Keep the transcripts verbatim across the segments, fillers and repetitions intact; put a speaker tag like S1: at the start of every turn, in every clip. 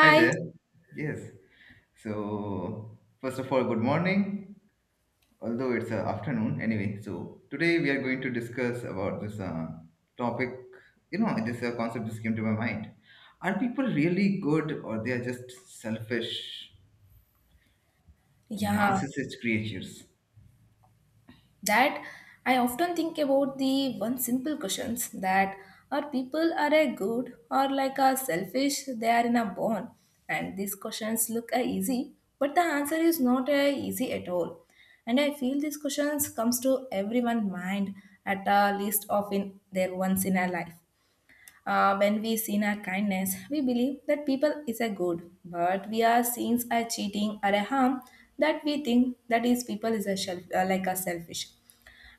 S1: Hi there. Yes. So, first of all, good morning. Although it's uh, afternoon anyway. So, today we are going to discuss about this uh, topic. You know, this uh, concept just came to my mind. Are people really good, or they are just selfish,
S2: Yeah,
S1: narcissist creatures?
S2: that I often think about the one simple questions that are people are a good or like a selfish they are in a bond and these questions look a easy but the answer is not a easy at all and I feel these questions comes to everyone mind at a least of in their once in a life. Uh, when we sin our kindness, we believe that people is a good, but we are sins are cheating or a harm that we think that is people is a self, uh, like a selfish.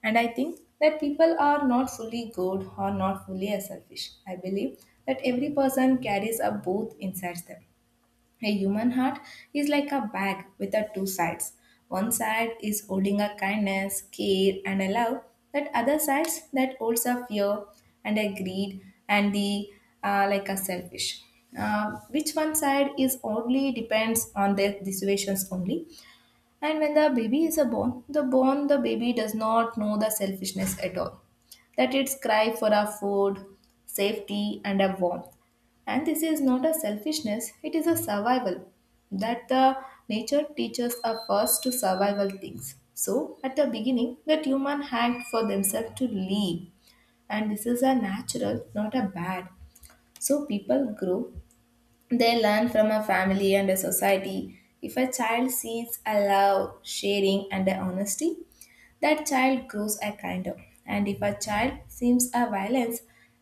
S2: And I think that people are not fully good or not fully a selfish. I believe that every person carries a both inside them. A human heart is like a bag with a two sides. One side is holding a kindness, care, and a love. That other side that holds a fear and a greed and the uh, like a selfish. Uh, which one side is only depends on the, the situations only. And when the baby is a born, the born the baby does not know the selfishness at all. That its cry for our food, safety, and a warmth. And this is not a selfishness, it is a survival. That the nature teaches us first to survival things. So at the beginning, that human hacked for themselves to live. And this is a natural, not a bad. So people grow, they learn from a family and a society. If a child sees a love, sharing, and a honesty, that child grows a kinder. And if a child sees a violence,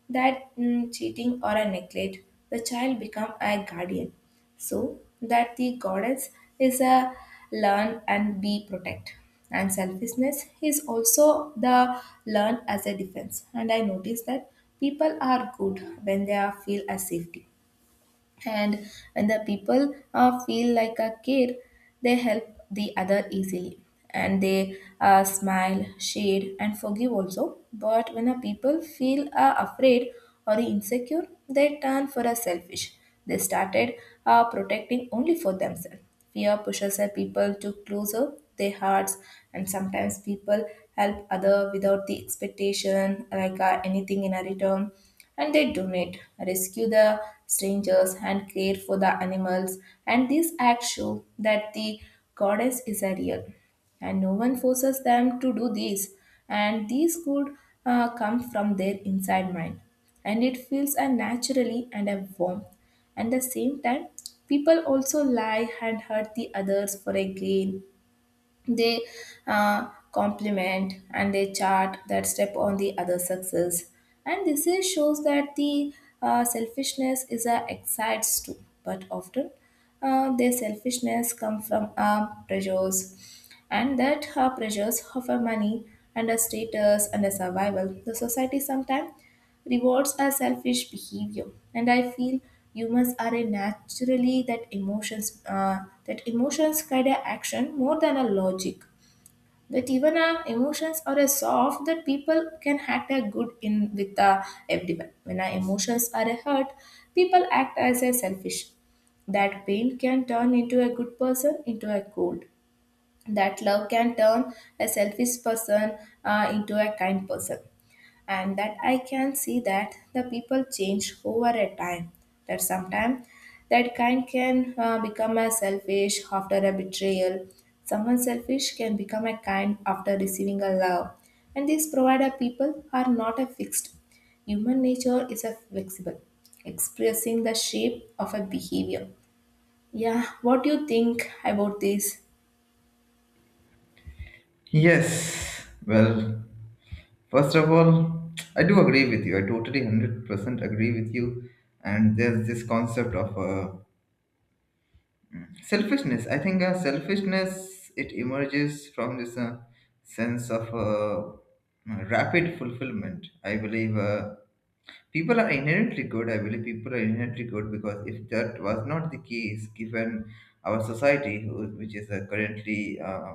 S2: that mm, cheating or a neglect, the child become a guardian. So that the goddess is a learn and be protect. And selfishness is also the learn as a defense. And I notice that people are good when they are feel a safety, and when the people uh, feel like a kid they help the other easily and they uh, smile shade and forgive also, but when a people feel uh, afraid or insecure they turn for a selfish, they started uh, protecting only for themselves. Fear pushes a people to close up their hearts, and sometimes people help other without the expectation, like uh, anything in a return, and they donate, rescue the strangers, and care for the animals. And these acts show that the goddess is a real, and no one forces them to do this. And these could uh, come from their inside mind, and it feels a naturally and a warm. At the same time, people also lie and hurt the others for a gain. They uh, compliment and they chart that step on the other success. And this is, shows that the uh, selfishness is a excites too, but often uh, their selfishness come from uh, pressures and that her pressures of her money and a status and a survival. The society sometimes rewards are selfish behavior, and I feel humans are a naturally that emotions uh, that emotions guide our action more than a logic. That even our emotions are a soft that people can act a good in with uh, everyone. When our emotions are a hurt, people act as a selfish. That pain can turn into a good person into a cold. That love can turn a selfish person uh, into a kind person and that I can see that the people change over a time. That sometimes that kind can uh, become a selfish after a betrayal. Someone selfish can become a kind after receiving a love. And these provider people are not a fixed. Human nature is a flexible, expressing the shape of a behavior. Yeah, what do you think about this?
S1: Yes. Well, first of all, I do agree with you. I totally one hundred percent agree with you. And there's this concept of uh, selfishness. I think uh, selfishness, it emerges from this uh, sense of uh, rapid fulfillment. I believe uh, people are inherently good. I believe people are inherently good, because if that was not the case, given our society who- which is uh, currently uh,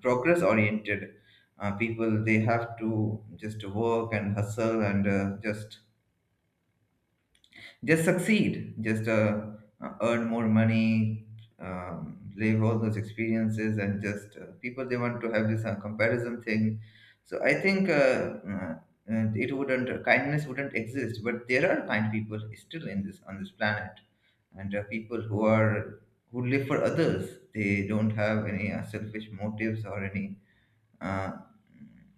S1: progress oriented uh, people, they have to just work and hustle and uh, just just succeed, just uh, uh, earn more money, um, live all those experiences, and just uh, people, they want to have this uh, comparison thing. So i think uh, uh, uh, it wouldn't uh, kindness wouldn't exist, but there are kind people still in this on this planet. And uh, people who are who live for others, they don't have any uh, selfish motives or any uh,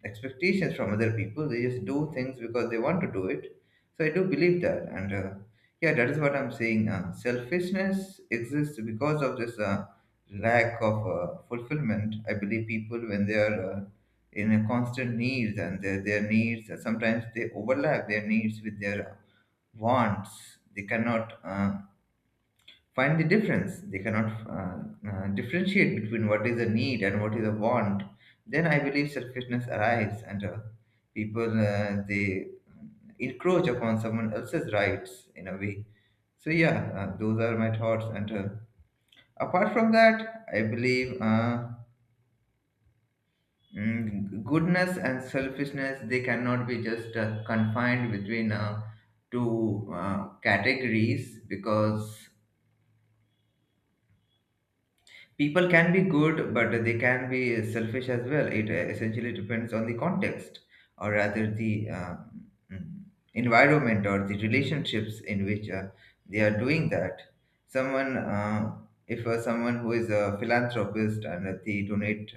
S1: expectations from other people. They just do things because they want to do it. So I do believe that, and uh, yeah, that is what I'm saying. Uh, selfishness exists because of this uh, lack of uh, fulfillment. I believe people, when they are uh, in a constant needs, and their their needs uh, sometimes they overlap their needs with their wants. They cannot uh, find the difference. They cannot uh, uh, differentiate between what is a need and what is a want. Then I believe selfishness arrives, and uh, people uh, they encroach upon someone else's rights in a way. So yeah, uh, those are my thoughts. And uh, apart from that, I believe uh, mm, goodness and selfishness, they cannot be just uh, confined between uh, two uh, categories, because people can be good, but they can be selfish as well. It uh, essentially depends on the context, or rather the um, mm, environment or the relationships in which uh, they are doing that. Someone uh, if uh, someone who is a philanthropist, and uh, they donate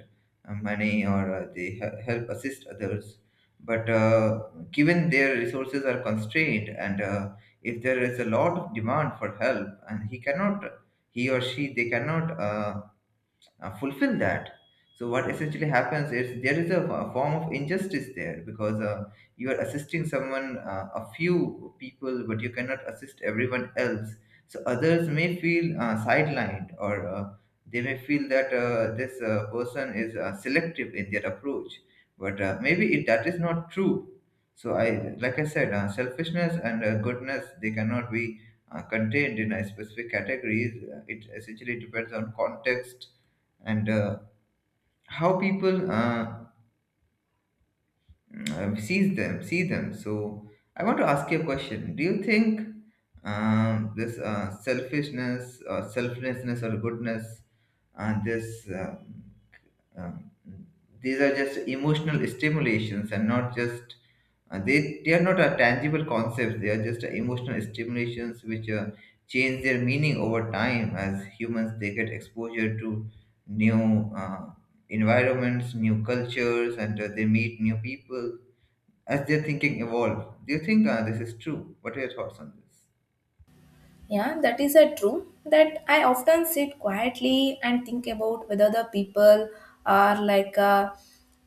S1: uh, money, or uh, they he- help assist others, but uh, given their resources are constrained, and uh, if there is a lot of demand for help and he cannot he or she, they cannot uh, uh, fulfill that. So what essentially happens is there is a, a form of injustice there, because uh, you are assisting someone, uh, a few people, but you cannot assist everyone else. So others may feel uh, sidelined, or uh, they may feel that uh, this uh, person is uh, selective in their approach. But uh, maybe it, that is not true. So I, like I said, uh, selfishness and uh, goodness, they cannot be uh, contained in a specific categories. Uh, It essentially depends on context, and uh, how people uh, uh, sees them see them. So i want to ask you a question: do you think um, this uh, selfishness or selflessness or goodness, and this um um, these are just emotional stimulations, and not just uh, they they are not a tangible concepts, they are just emotional stimulations, which uh, change their meaning over time as humans, they get exposure to new uh, environments, new cultures, and uh, they meet new people, as their thinking evolve? Do you think uh, this is true? What are your thoughts on this?
S2: Yeah, that is a true that I often sit quietly and think about whether the people are like a,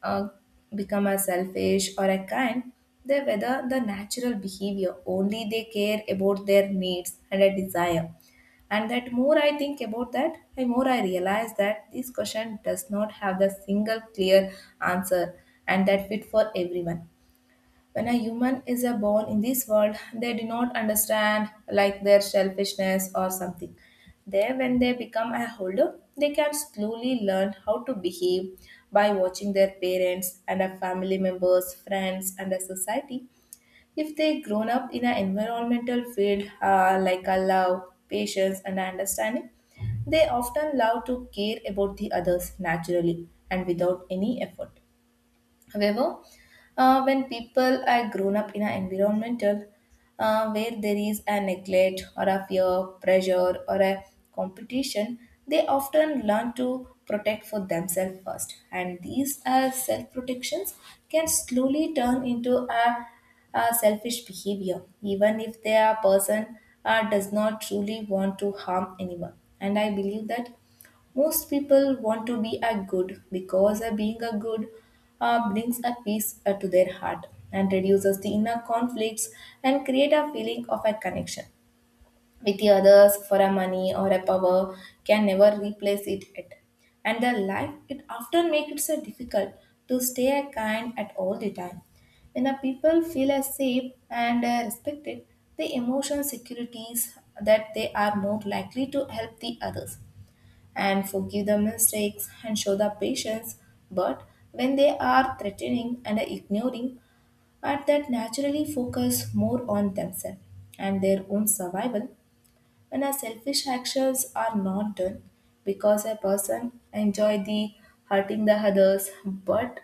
S2: uh, become a selfish or a kind. They whether the natural behavior only they care about their needs and a desire. And that more I think about that, the more I realize that this question does not have the single clear answer and that fit for everyone. When a human is a born in this world, they do not understand like their selfishness or something. There, when they become a holder, they can slowly learn how to behave by watching their parents and their family members, friends, and a society. If they grown up in an environmental field uh, like a love, patience, and understanding, they often love to care about the others naturally and without any effort. However, uh, when people are grown up in an environmental uh, where there is a neglect or a fear, pressure, or a competition, they often learn to protect for themselves first. And these uh, self protections can slowly turn into a, a selfish behavior, even if they are person uh, does not truly want to harm anyone. And I believe that most people want to be a good because a being a good uh, brings a peace uh, to their heart and reduces the inner conflicts and create a feeling of a connection with the others for a money or a power can never replace it at and the life it often makes it so difficult to stay a kind at all the time. When the people feel as safe and uh, respected, the emotional securities that they are more likely to help the others and forgive the mistakes and show the patience. But when they are threatening and ignoring, at that naturally focus more on themselves and their own survival. When our selfish actions are not done because a person enjoy the hurting the others, but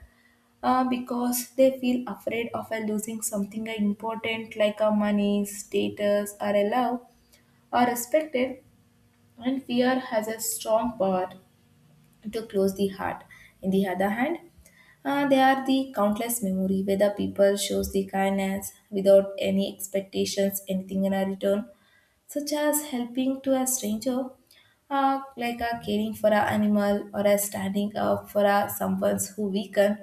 S2: uh, because they feel afraid of uh, losing something important like a money status or a love or respected, and fear has a strong power to close the heart. In the other hand, uh, they are the countless memory where the people shows the kindness without any expectations, anything in a return such as helping to a stranger, uh, like uh, caring for an animal or uh, standing up for uh, someone who weakened.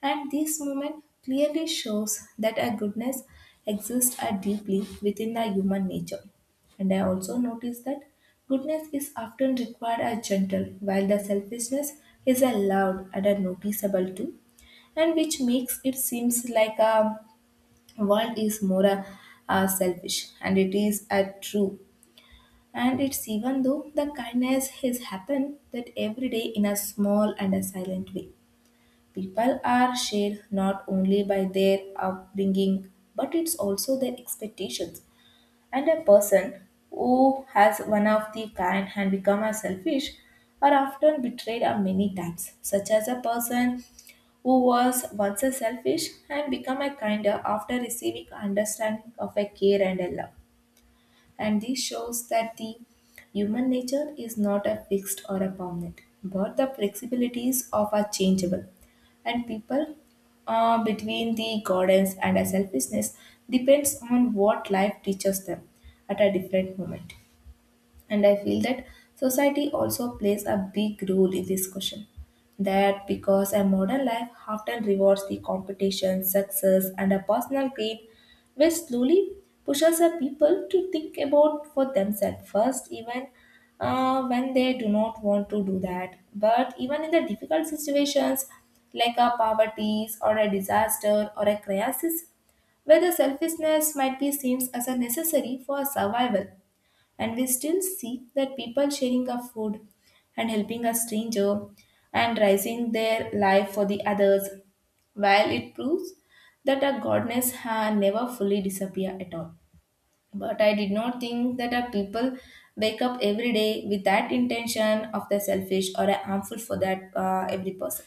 S2: And this moment clearly shows that a goodness exists uh, deeply within the human nature. And I also noticed that goodness is often required as gentle, while the selfishness is a loud and a noticeable too, and which makes it seems like a world is more uh, uh, selfish, and it is a true and it's even though the kindness has happened that every day in a small and a silent way. People are shared not only by their upbringing, but it's also their expectations. And a person who has one of the kind and become a selfish are often betrayed a many times, such as a person who was once a selfish and become a kinder after receiving understanding of a care and a love, and this shows that the human nature is not a fixed or a permanent but the flexibilities of are changeable and people uh, between the guidance and a selfishness depends on what life teaches them at a different moment. And I feel that society also plays a big role in this question. That because a modern life often rewards the competition, success, and a personal gain, which slowly pushes a people to think about for themselves first, even uh, when they do not want to do that. But even in the difficult situations like a poverty or a disaster or a crisis, where the selfishness might be seen as a necessary for survival, and we still see that people sharing our food and helping a stranger and rising their life for the others, while it proves that our goodness has never fully disappeared at all. But I did not think that our people wake up every day with that intention of the selfish or harmful for that uh, every person.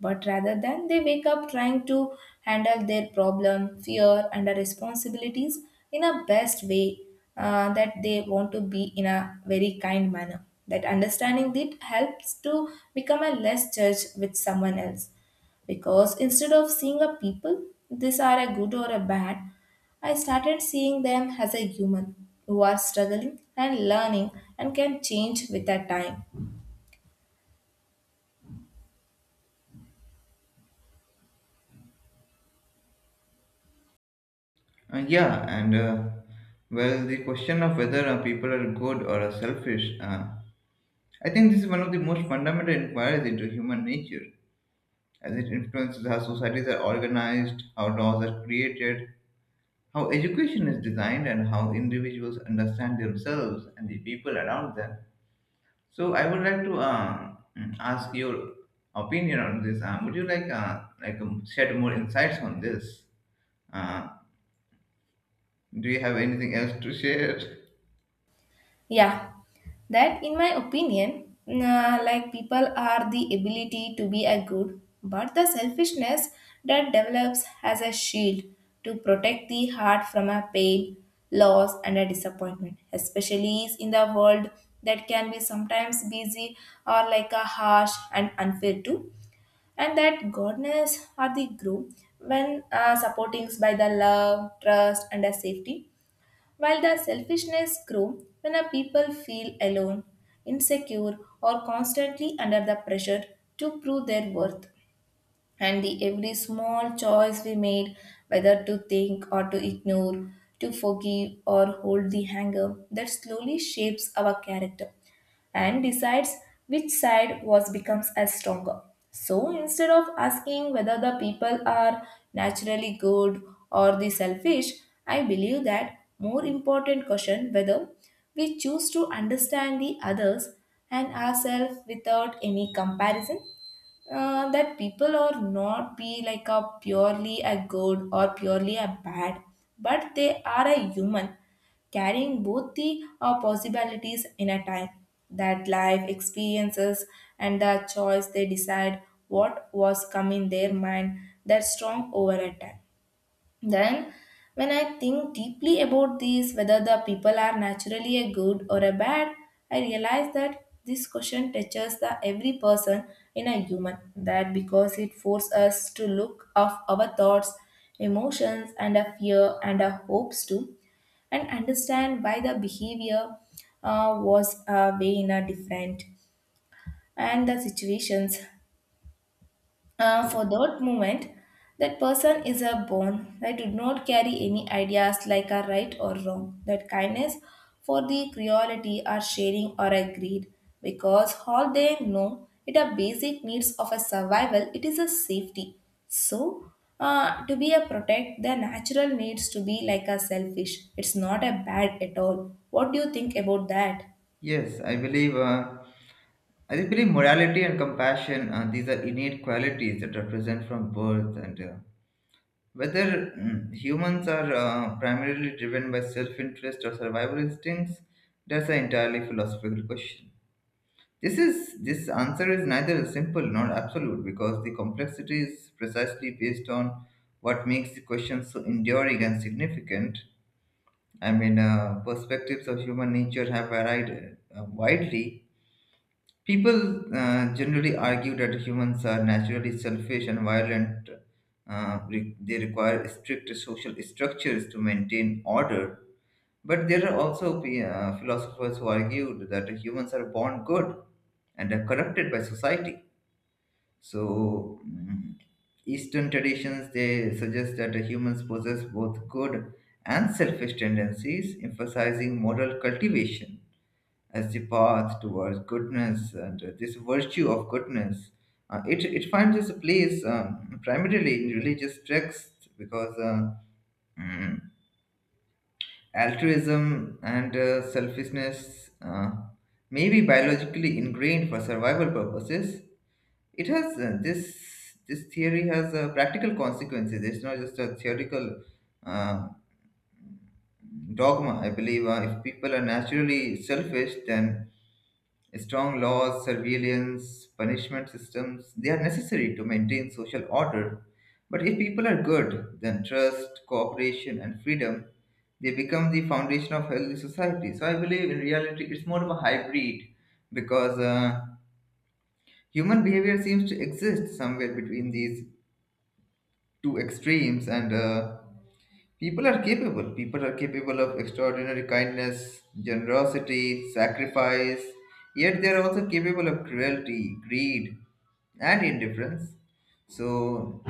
S2: But rather than they wake up trying to handle their problem, fear, and the responsibilities in a best way uh, that they want to be in a very kind manner. That understanding it helps to become a less judge with someone else because instead of seeing a people, these are a good or a bad, I started seeing them as a human who are struggling and learning and can change with the time.
S1: Uh, yeah, and uh, well, the question of whether uh, people are good or are selfish, uh, I think this is one of the most fundamental inquiries into human nature, as it influences how societies are organized, how laws are created, how education is designed, and how individuals understand themselves and the people around them. So, I would like to uh, ask your opinion on this. Uh, would you like uh, like um, shed more insights on this? Uh, do you have anything else to share?
S2: Yeah, that in my opinion, nah, like people are the ability to be a good, but the selfishness that develops as a shield to protect the heart from a pain, loss, and a disappointment, especially in the world that can be sometimes busy or like a harsh and unfair too. And that goodness are the group when uh, supporting by the love, trust, and a safety, while the selfishness grows when a people feel alone, insecure, or constantly under the pressure to prove their worth. And the every small choice we made, whether to think or to ignore, to forgive or hold the anger, that slowly shapes our character and decides which side was becomes as stronger. So instead of asking whether the people are naturally good or the selfish, I believe that more important question whether we choose to understand the others and ourselves without any comparison. Uh, that people are not be like a purely a good or purely a bad, but they are a human carrying both the uh, possibilities in a time that life experiences and the choice they decide what was come in their mind that strong over a time. Then, when I think deeply about this, whether the people are naturally a good or a bad, I realize that this question touches the every person in a human. That because it forces us to look of our thoughts, emotions, and our fear and our hopes too, and understand why the behavior uh, was uh, way in a different and the situations uh, for that moment, that person is a bone that did not carry any ideas like a right or wrong. That kindness for the cruelty or sharing or a greed, because all they know it are basic needs of a survival. It is a safety. So, uh, to be a protect, the natural needs to be like a selfish. It's not a bad at all. What do you think about that?
S1: Yes, I believe. Uh, I believe morality and compassion. Uh, these are innate qualities that are present from birth, and uh, whether mm, humans are uh, primarily driven by self-interest or survival instincts, that's an entirely philosophical question. This is this answer is neither simple nor absolute, because the complexity is precisely based on what makes the question so enduring and significant. I mean, uh, perspectives of human nature have varied uh, widely. People uh, generally argue that humans are naturally selfish and violent. Uh, re- they require strict social structures to maintain order. But there are also uh, philosophers who argued that humans are born good and are corrupted by society. So, mm, Eastern traditions, they suggest that humans possess both good and selfish tendencies, emphasizing moral cultivation as the path towards goodness, and uh, this virtue of goodness. Uh, it, it finds its place um, primarily in religious texts, because uh, mm, altruism and uh, selfishness uh, may be biologically ingrained for survival purposes. It has uh, this this theory has uh, practical consequences. It's not just a theoretical uh, dogma. I believe uh, if people are naturally selfish, then strong laws, surveillance, punishment systems, they are necessary to maintain social order. But if people are good, then trust, cooperation, and freedom, they become the foundation of healthy society. So I believe in reality it's more of a hybrid, because uh, human behavior seems to exist somewhere between these two extremes, and uh, people are capable. People are capable of extraordinary kindness, generosity, sacrifice, yet they are also capable of cruelty, greed, and indifference. So,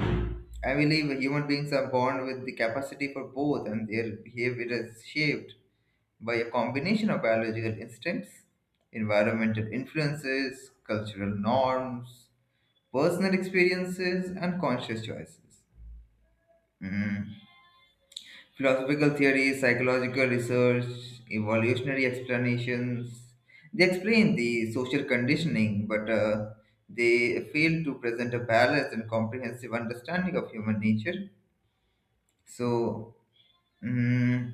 S1: I believe human beings are born with the capacity for both, and their behavior is shaped by a combination of biological instincts, environmental influences, cultural norms, personal experiences, and conscious choices. Mm. Philosophical theories, psychological research, evolutionary explanations, they explain the social conditioning, but uh, they fail to present a balanced and comprehensive understanding of human nature. So, mm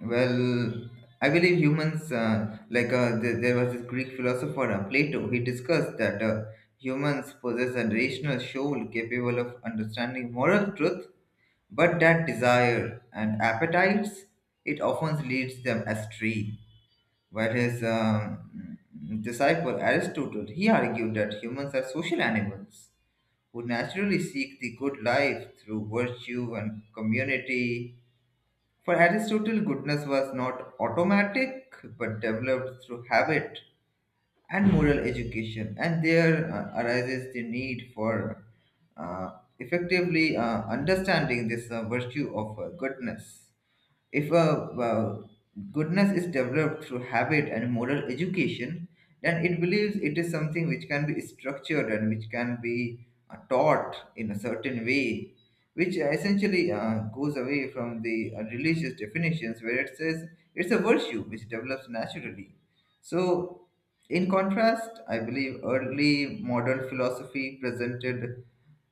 S1: well, I believe humans, uh, like uh, th- there was this Greek philosopher uh, Plato, he discussed that uh, humans possess a rational soul capable of understanding moral truth, but that desire and appetites, it often leads them astray. While his um, disciple Aristotle, he argued that humans are social animals who naturally seek the good life through virtue and community. For Aristotle, goodness was not automatic, but developed through habit and moral education, and there uh, arises the need for uh, effectively uh, understanding this uh, virtue of uh, goodness. If a uh, goodness is developed through habit and moral education, then it believes it is something which can be structured and which can be uh, taught in a certain way, which essentially uh, goes away from the uh, religious definitions, where it says it's a virtue which develops naturally. So, in contrast, I believe early modern philosophy presented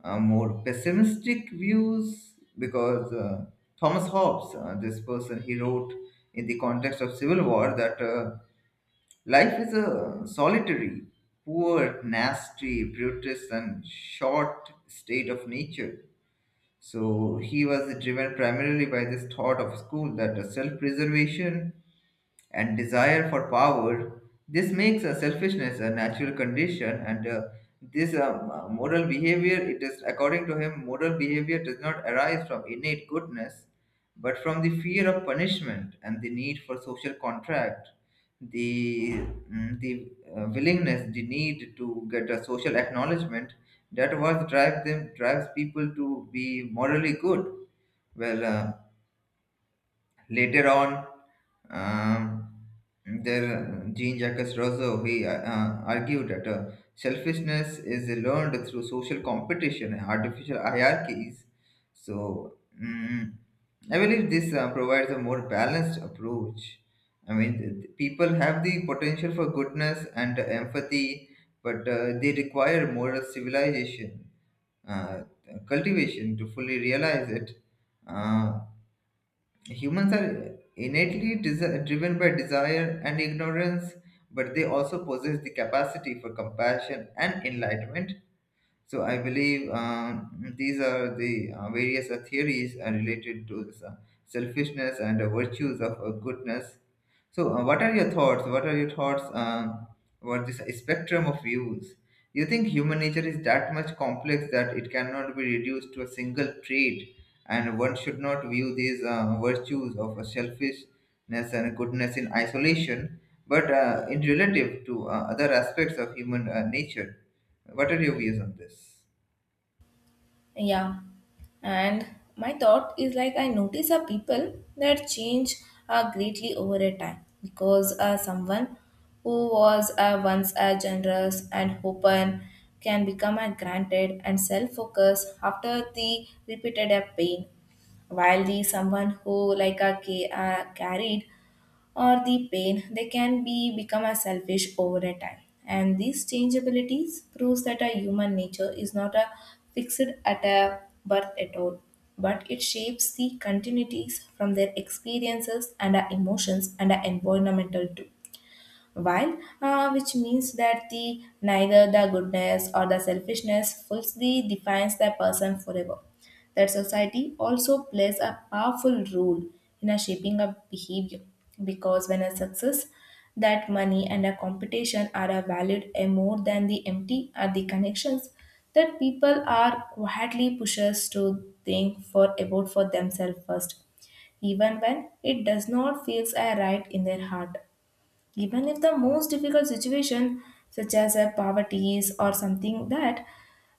S1: uh, more pessimistic views, because uh, Thomas Hobbes, uh, this person, he wrote in the context of civil war that uh, life is a solitary, poor, nasty, brutish, and short state of nature. So he was driven primarily by this thought of school that uh, self-preservation and desire for power. This makes a selfishness a natural condition, and uh, this um, uh, moral behavior, it is according to him, moral behavior does not arise from innate goodness, but from the fear of punishment and the need for social contract, the mm, the uh, willingness, the need to get a social acknowledgement. That was drive them drives people to be morally good. Well. Uh, Later on, um, there Jean-Jacques Rousseau, he uh, uh, argued that uh, selfishness is learned through social competition and artificial hierarchies. So mm, I believe this uh, provides a more balanced approach. I mean, th- th- people have the potential for goodness and empathy, but uh, they require moral civilization uh, cultivation to fully realize it. Uh, Humans are innately desi- driven by desire and ignorance, but they also possess the capacity for compassion and enlightenment. So I believe um, these are the uh, various uh, theories uh, related to this, uh, selfishness and the virtues of uh, goodness. So uh, what are your thoughts? What are your thoughts um about this spectrum of views? You think human nature is that much complex that it cannot be reduced to a single trait, and one should not view these uh, virtues of selfishness and goodness in isolation, but uh, in relative to uh, other aspects of human uh, nature. What are your views on this?
S2: Yeah, and my thought is like I notice a people that change uh, greatly over a time because uh, someone who was uh, once a generous and open can become a granted and self-focused after the repeated uh, pain, while the someone who like a ca- uh, carried or the pain, they can be become as selfish over a time. And these changeabilities proves that a human nature is not a fixed at a birth at all, but it shapes the continuities from their experiences and our emotions and our environmental too, while, uh, which means that the neither the goodness or the selfishness fully defines the person forever. That society also plays a powerful role in a shaping of behavior because when a success, that money and a competition are a valued a more than the empty are the connections, that people are quietly pushes to think for about for themselves first, even when it does not feels a right in their heart, even if the most difficult situation, such as a poverty or something that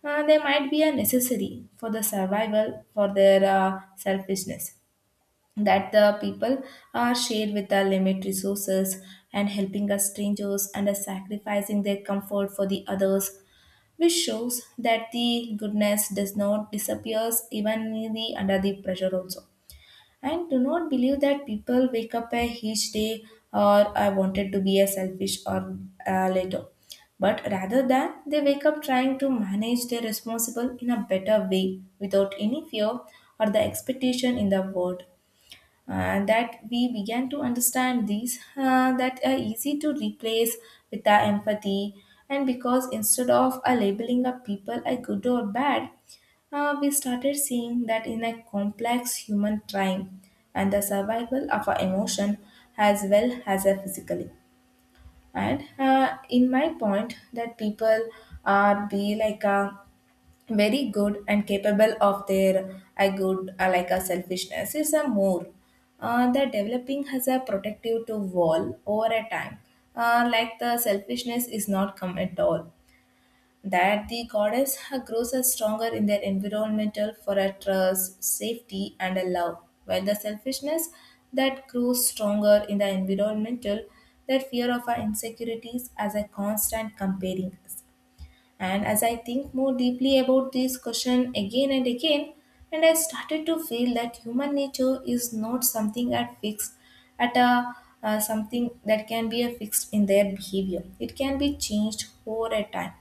S2: uh, they might be a necessary for the survival for their uh, selfishness, that the people are shared with the limited resources and helping us strangers and us sacrificing their comfort for the others, which shows that the goodness does not disappears even in the- under the pressure also. And do not believe that people wake up a each day or I wanted to be a selfish or uh, later, but rather than they wake up trying to manage their responsible in a better way without any fear or the expectation in the world. Uh, that we began to understand these uh, that are easy to replace with our empathy, and because instead of uh, labeling up people as good or bad, uh, we started seeing that in a complex human time and the survival of our emotion as well as a physically. And uh, in my point that people are be like a very good and capable of their I good, uh, like a selfishness is a more uh, the developing has a protective to wall over a time. Uh, like the selfishness is not come at all, that the goddess uh, grows as stronger in their environmental for a trust safety and a love, while the selfishness that grows stronger in the environmental, that fear of our insecurities as a constant comparing. And as I think more deeply about this question again and again, and I started to feel that human nature is not something at fixed at a uh, something that can be a fixed in their behavior. It can be changed over a time.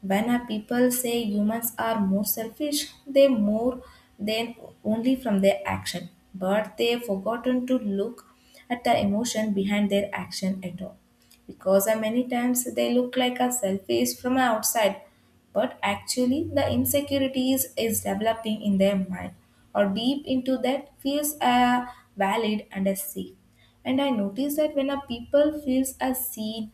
S2: When a people say humans are more selfish, they more than only from their action, but they've forgotten to look at the emotion behind their action at all. Because uh, many times they look like a selfish from outside, but actually the insecurities is developing in their mind or deep into that feels uh, valid and as safe. And I notice that when a people feels as seen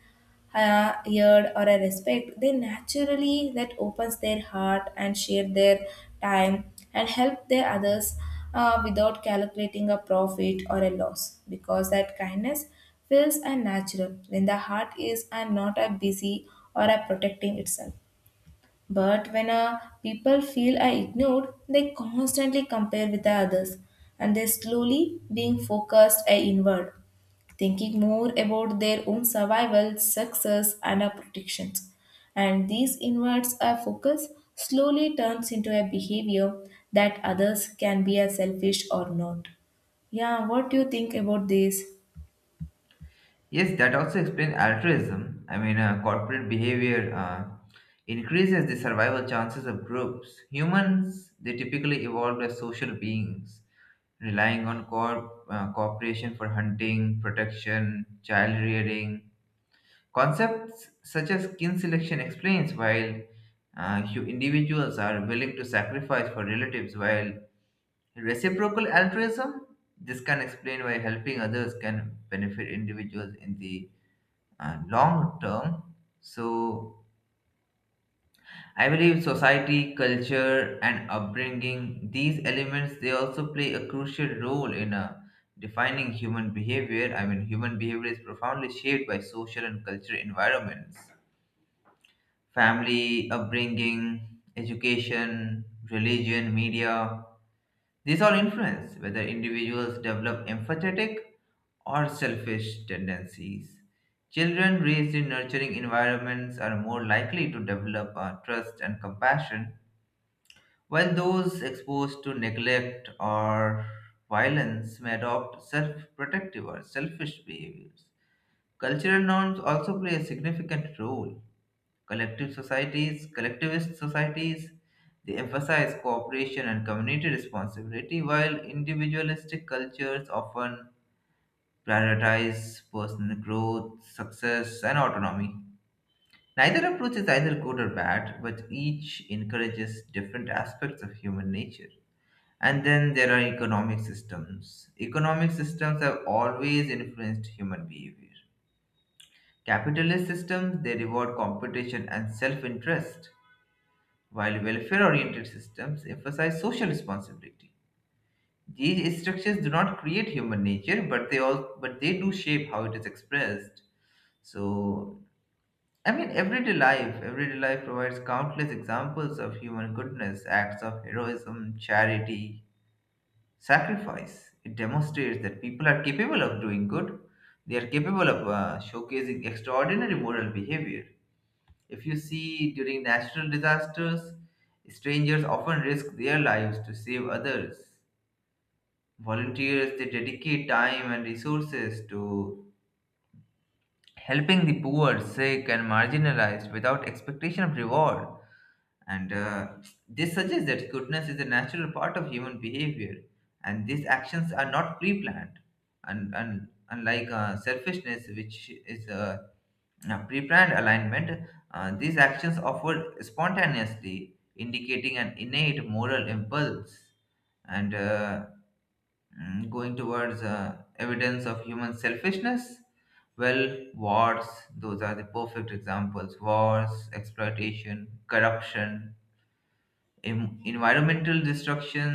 S2: a yearn or a respect, they naturally that opens their heart and share their time and help their others uh, without calculating a profit or a loss, because that kindness feels unnatural when the heart is and not a busy or a protecting itself. But when uh, people feel I ignored, they constantly compare with the others and they slowly being focused uh, inward, thinking more about their own survival, success, and uh, protections. And these inwards uh, focus slowly turns into a behavior that others can be as selfish or not. Yeah, what do you think about this?
S1: Yes, that also explains altruism. I mean, uh, corporate behavior uh, increases the survival chances of groups. Humans, they typically evolved as social beings, relying on corp- uh, cooperation for hunting, protection, child rearing. Concepts such as kin selection explains why uh, hu- individuals are willing to sacrifice for relatives, while reciprocal altruism, this can explain why helping others can benefit individuals in the uh, long term. So I believe society, culture, and upbringing, these elements, they also play a crucial role in uh, defining human behavior. I mean, human behavior is profoundly shaped by social and cultural environments. Family, upbringing, education, religion, media. These all influence whether individuals develop empathetic or selfish tendencies. Children raised in nurturing environments are more likely to develop uh, trust and compassion, while those exposed to neglect or violence may adopt self protective or selfish behaviors. Cultural norms also play a significant role. Collective societies, collectivist societies, they emphasize cooperation and community responsibility, while individualistic cultures often prioritize personal growth, success, and autonomy. Neither approach is either good or bad, but each encourages different aspects of human nature. And then there are economic systems. Economic systems have always influenced human behavior. Capitalist systems, they reward competition and self interest, while welfare oriented systems emphasize social responsibility. These structures do not create human nature, but they all but they do shape how it is expressed. So I mean everyday life, everyday life provides countless examples of human goodness, acts of heroism, charity, sacrifice. It demonstrates that people are capable of doing good. They are capable of uh, showcasing extraordinary moral behavior. If you see during natural disasters, strangers often risk their lives to save others. Volunteers, they dedicate time and resources to helping the poor, sick, and marginalized without expectation of reward. And uh, this suggests that goodness is a natural part of human behavior, and these actions are not pre planned. And, and unlike uh, selfishness, which is uh, a, pre planned alignment, uh, these actions offer spontaneously, indicating an innate moral impulse. And uh, mm, going towards uh, evidence of human selfishness, well, wars, those are the perfect examples: wars, exploitation, corruption, em- environmental destruction.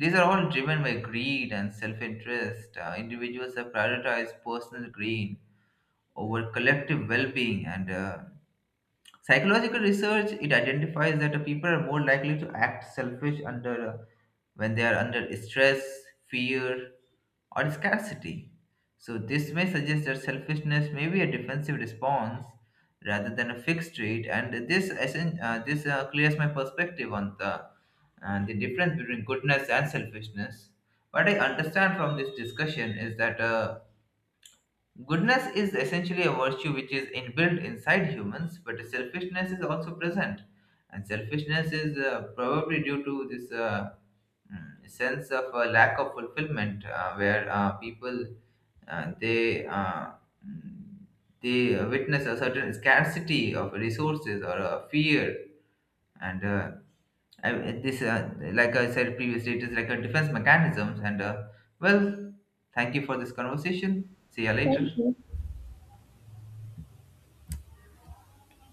S1: These are all driven by greed and self interest. Uh, individuals have prioritized personal gain over collective well being and uh, psychological research, it identifies that uh, people are more likely to act selfish under uh, when they are under stress, fear, or scarcity. So this may suggest that selfishness may be a defensive response rather than a fixed trait. And this essen- uh, this uh, clears my perspective on the uh, the difference between goodness and selfishness. What I understand from this discussion is that. Uh, Goodness is essentially a virtue which is inbuilt inside humans, but selfishness is also present. And selfishness is uh, probably due to this uh, mm, sense of uh, lack of fulfillment, uh, where uh, people uh, they uh, mm, they witness a certain scarcity of resources or a fear, and uh, I, this uh, like I said previously, it is like a defense mechanisms. And uh, well, thank you for this conversation. See you later.
S2: Thank you.